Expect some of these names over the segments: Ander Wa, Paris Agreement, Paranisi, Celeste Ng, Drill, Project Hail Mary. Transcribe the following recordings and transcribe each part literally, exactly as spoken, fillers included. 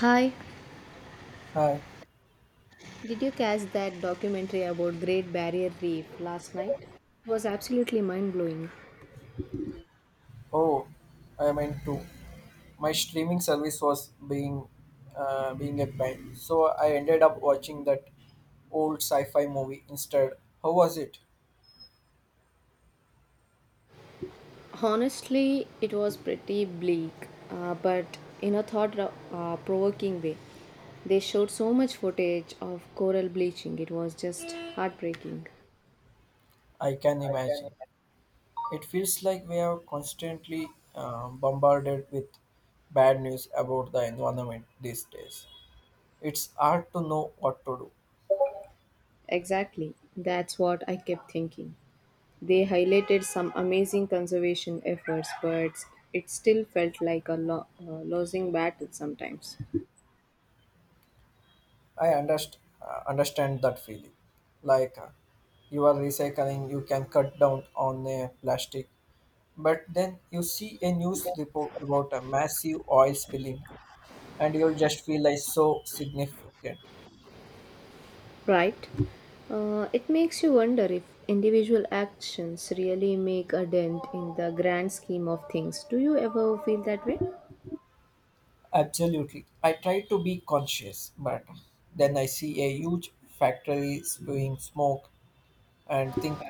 Hi, Hi. did you catch that documentary about Great Barrier Reef last night? It was absolutely mind blowing. Oh, I meant to. My streaming service was being uh, being a pain, so I ended up watching that old sci-fi movie instead. How was it? Honestly, it was pretty bleak, uh, but in a thought uh, provoking way. They showed so much footage of coral bleaching, it was just heartbreaking. I can imagine. It feels like we are constantly uh, bombarded with bad news about the environment these days. It's hard to know what to do. Exactly, that's what I kept thinking. They highlighted some amazing conservation efforts, but it still felt like a lo- uh, losing battle sometimes. I underst- uh, understand that feeling. Like uh, you are recycling, you can cut down on uh, plastic. But then you see a news report about a massive oil spilling, and you'll just feel like so significant. Right. Uh, it makes you wonder if individual actions really make a dent in the grand scheme of things. Do you ever feel that way? Absolutely. I try to be conscious, but then I see a huge factory spewing smoke and think,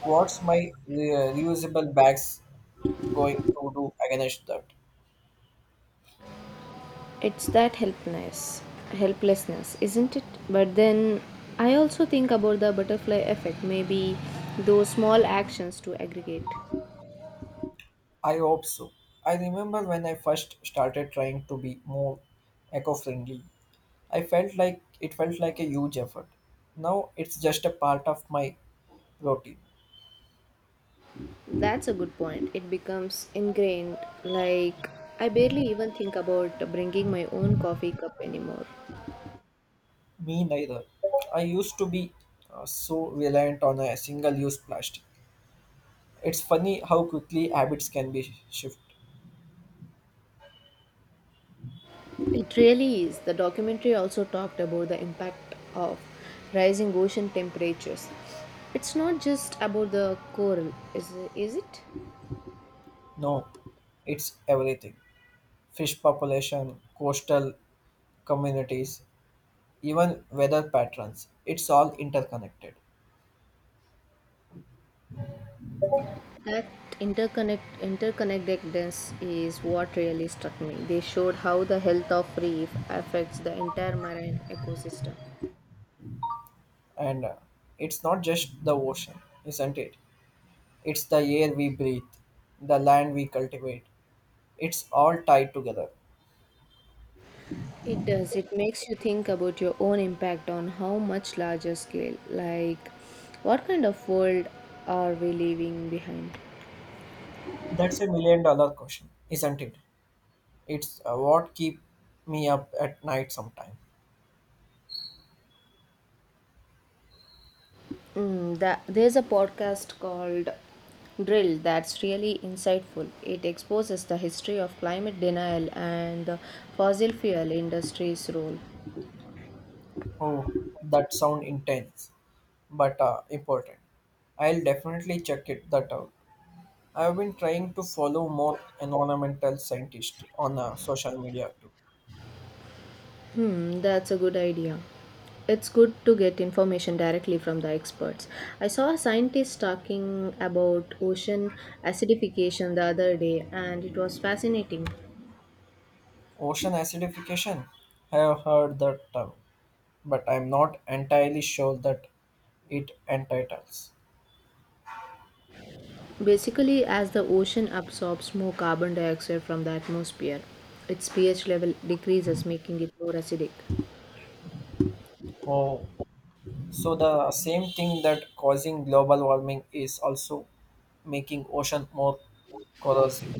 what's my re- reusable bags going to do against that? It's that helplessness, helplessness, isn't it? But then I also think about the butterfly effect. Maybe those small actions to aggregate. I hope so. I remember when I first started trying to be more eco-friendly. I felt like it felt like a huge effort. Now it's just a part of my Roti. That's a good point. It becomes ingrained. Like I barely even think about bringing my own coffee cup anymore. Me neither. I used to be uh, so reliant on a single use plastic. It's funny how quickly habits can be shifted. It really is. The documentary also talked about the impact of rising ocean temperatures. It's not just about the coral, is, is it? No, it's everything, fish population, coastal communities, even weather patterns. It's all interconnected. That interconnect interconnectedness is what really struck me. They showed how the health of reef affects the entire marine ecosystem. And uh, It's not just the ocean, isn't it? It's the air we breathe, the land we cultivate. It's all tied together. It does. It makes you think about your own impact on how much larger scale. Like, what kind of world are we leaving behind? That's a million dollar question, isn't it? It's uh, what keep me up at night sometime. Mm, that, there's a podcast called Drill that's really insightful. It exposes the history of climate denial and the fossil fuel industry's role. Oh, that sound intense, but uh, important. I'll definitely check it that out. I've been trying to follow more environmental scientists on uh, social media too. Hmm, that's a good idea. It's good to get information directly from the experts. I saw a scientist talking about ocean acidification the other day, and it was fascinating. Ocean acidification. I have heard that term, but I'm not entirely sure that it entitles. Basically, as the ocean absorbs more carbon dioxide from the atmosphere, its pH level decreases, making it more acidic. Oh, so the same thing that causing global warming is also making ocean more corrosive.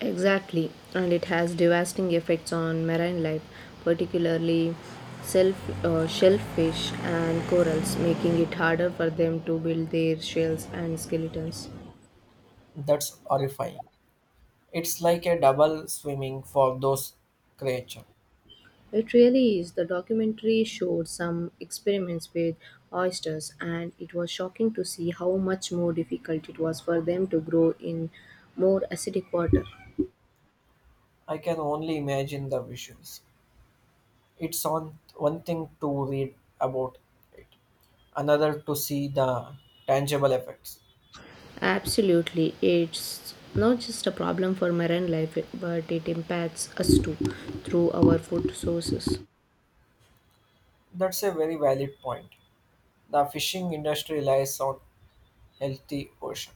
Exactly, and it has devastating effects on marine life, particularly self, uh, shellfish and corals, making it harder for them to build their shells and skeletons. That's horrifying. It's like a double swimming for those creatures. It really is. The documentary showed some experiments with oysters, and it was shocking to see how much more difficult it was for them to grow in more acidic water. I can only imagine the visuals. It's on one thing to read about it, another to see the tangible effects. Absolutely, it's not just a problem for marine life, but it impacts us too through our food sources. That's a very valid point. The fishing industry relies on healthy ocean.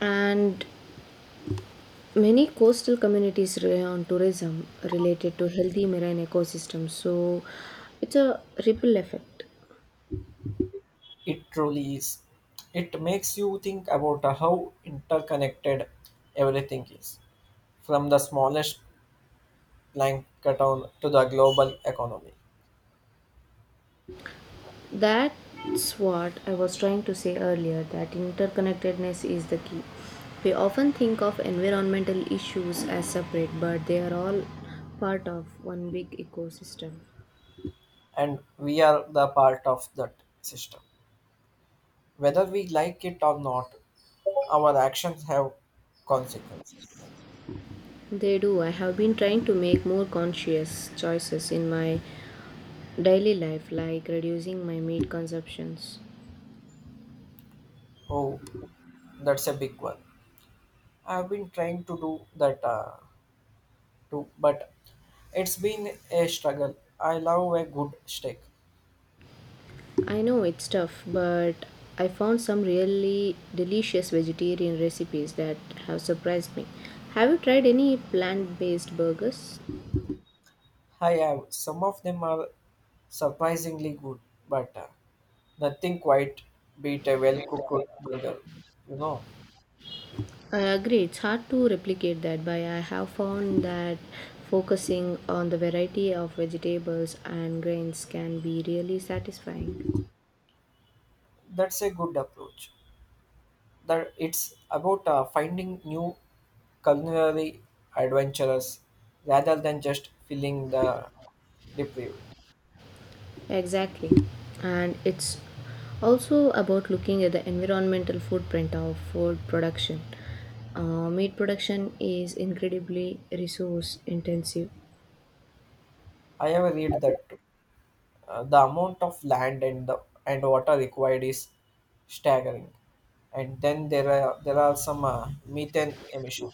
And many coastal communities rely on tourism related to healthy marine ecosystems, so it's a ripple effect. It truly is. It makes you think about how interconnected everything is, from the smallest plankton to the global economy. That's what I was trying to say earlier that interconnectedness is the key. We often think of environmental issues as separate, but they are all part of one big ecosystem. And we are the part of that system. Whether we like it or not, our actions have consequences. They do. I have been trying to make more conscious choices in my daily life, like reducing my meat consumptions. Oh, that's a big one. I've been trying to do that uh, too, but it's been a struggle. I love a good steak. I know it's tough, but I found some really delicious vegetarian recipes that have surprised me. Have you tried any plant based burgers? I have, some of them are surprisingly good, but uh, nothing quite beat a well cooked burger. You know, I agree, it's hard to replicate that, but I have found that focusing on the variety of vegetables and grains can be really satisfying. that's a good approach. That it's about uh, finding new culinary adventures rather than just filling the deprived. Exactly. And it's also about looking at the environmental footprint of food production. Uh, meat production is incredibly resource intensive. I have read that uh, the amount of land and the and water required is staggering, and then there are there are some uh, methane emissions.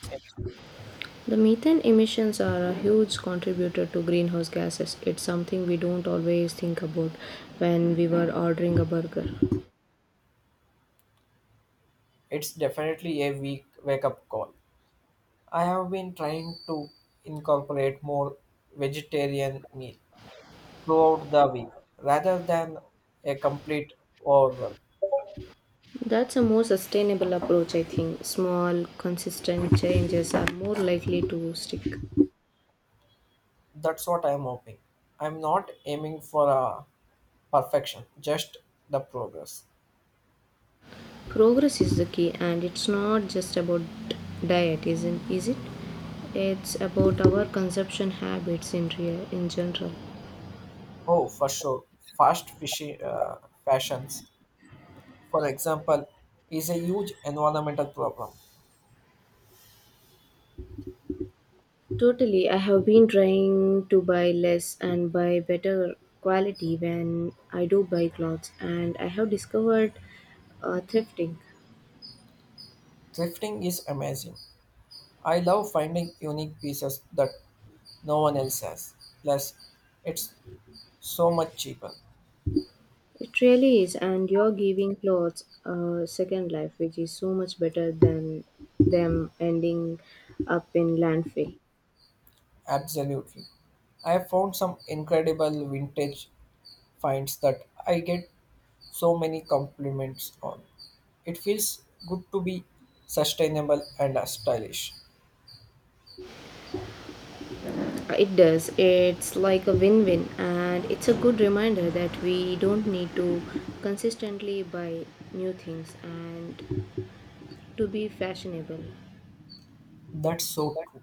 The methane emissions are a huge contributor to greenhouse gases. It's something we don't always think about when we were ordering a burger. It's definitely a weak wake up call. I have been trying to incorporate more vegetarian meal throughout the week rather than a complete overwhelm. That's a more sustainable approach, I think. Small, consistent changes are more likely to stick. That's what I'm hoping. I'm not aiming for a perfection, just the progress. Progress is the key, and it's not just about diet, isn't is it? It's about our consumption habits in real, in general. Oh, for sure. Fast fishy, uh, Fashions, for example, is a huge environmental problem. Totally, I have been trying to buy less and buy better quality when I do buy clothes, and I have discovered uh, thrifting. Thrifting is amazing. I love finding unique pieces that no one else has. Plus, it's so much cheaper. It really is, and you're giving clothes a second life, which is so much better than them ending up in landfill. Absolutely. I have found some incredible vintage finds that I get so many compliments on. It feels good to be sustainable and uh, stylish. Uh, It does. It's like a win win, and it's a good reminder that we don't need to consistently buy new things and to be fashionable. That's so true.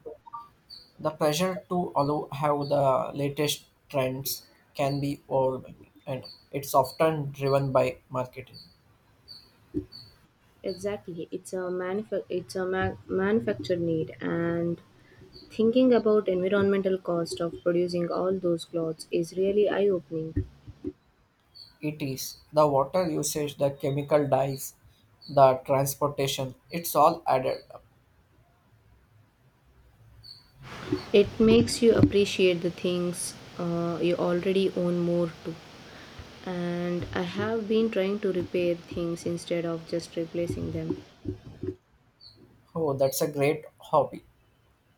The pressure to allow how the latest trends can be overwhelming, and it's often driven by marketing. Exactly. It's a, manufa- it's a ma- manufactured need, and thinking about environmental cost of producing all those clothes is really eye opening. It is the water usage, the chemical dyes, the transportation. It's all added up. It makes you appreciate the things uh, you already own more too, and I have been trying to repair things instead of just replacing them. Oh, that's a great hobby.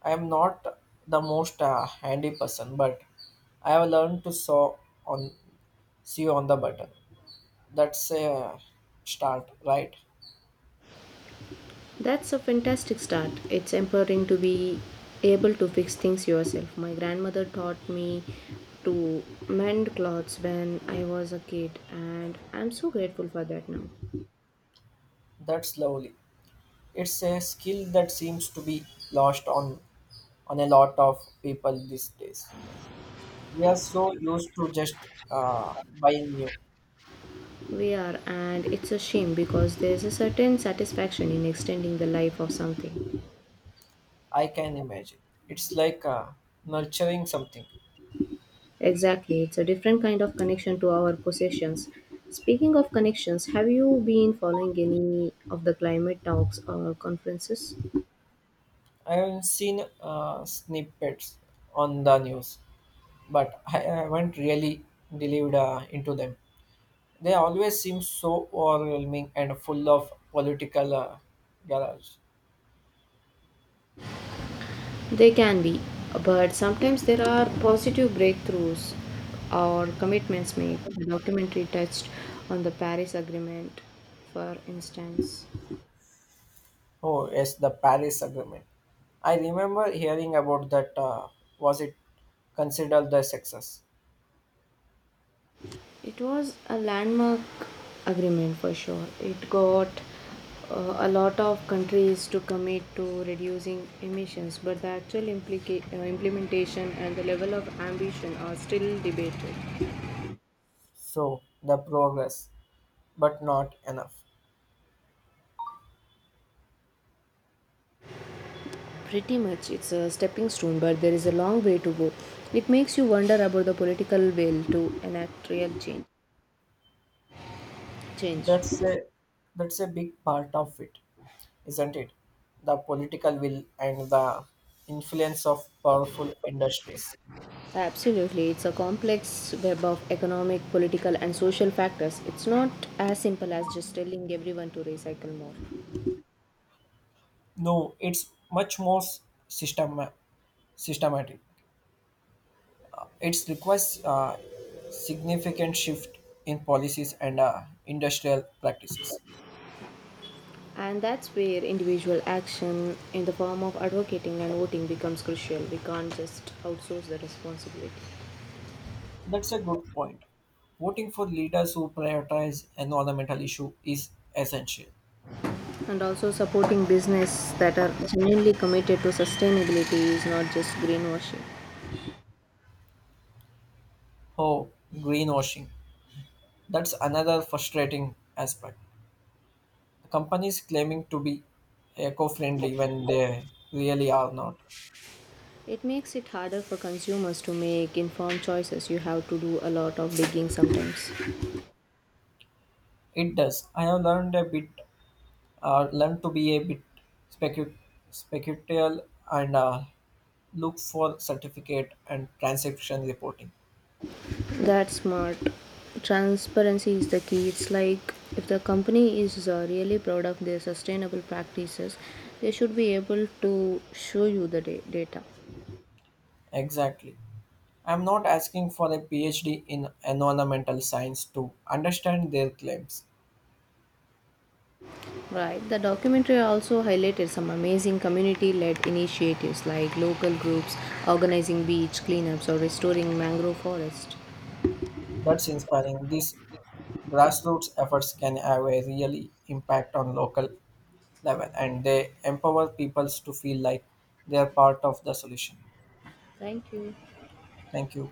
I am not the most uh, handy person, but I have learned to sew on sew on the button. That's a start, right? That's a fantastic start. It's empowering to be able to fix things yourself. My grandmother taught me to mend clothes when I was a kid, and I'm so grateful for that now. That's slowly. It's a skill that seems to be lost on on a lot of people these days. We are so used to just uh, buying new. We are, and it's a shame because there's a certain satisfaction in extending the life of something. I can imagine. It's like uh, nurturing something. Exactly, it's a different kind of connection to our possessions. Speaking of connections, have you been following any of the climate talks or conferences? I have seen uh, snippets on the news but I haven't really delved uh, into them. They always seem so overwhelming and full of political uh, garage. They can be, but sometimes there are positive breakthroughs or commitments made. The documentary touched on the Paris Agreement, for instance. Oh yes, the Paris Agreement. I remember hearing about that. Uh, was it considered the success? It was a landmark agreement for sure. It got uh, a lot of countries to commit to reducing emissions, but the actual implica- uh, implementation and the level of ambition are still debated. So the progress, but not enough. Pretty much, it's a stepping stone, but there is a long way to go. It makes you wonder about the political will to enact real change. Change. That's a that's a big part of it, isn't it? The political will and the influence of powerful industries. Absolutely, it's a complex web of economic, political, and social factors. It's not as simple as just telling everyone to recycle more. No, it's much more system systematic. It requires uh, significant shift in policies and uh, industrial practices. And that's where individual action in the form of advocating and voting becomes crucial. We can't just outsource the responsibility. That's a good point. Voting for leaders who prioritize environmental issue is essential. And also, supporting business that are genuinely committed to sustainability is not just greenwashing. Oh, greenwashing. That's another frustrating aspect. Companies claiming to be eco-friendly when they really are not. It makes it harder for consumers to make informed choices. You have to do a lot of digging sometimes. It does. I have learned a bit uh, learn to be a bit specu- speculative and uh, look for certificate and transaction reporting. That's smart. Transparency is the key. It's like if the company is uh, really proud of their sustainable practices, they should be able to show you the da- data. Exactly. I'm not asking for a PhD in environmental science to understand their claims. Right. The documentary also highlighted some amazing community led initiatives like local groups organizing beach cleanups or restoring mangrove forest. That's inspiring. These grassroots efforts can have a really impact on local level and they empower peoples to feel like they are part of the solution. Thank you. Thank you.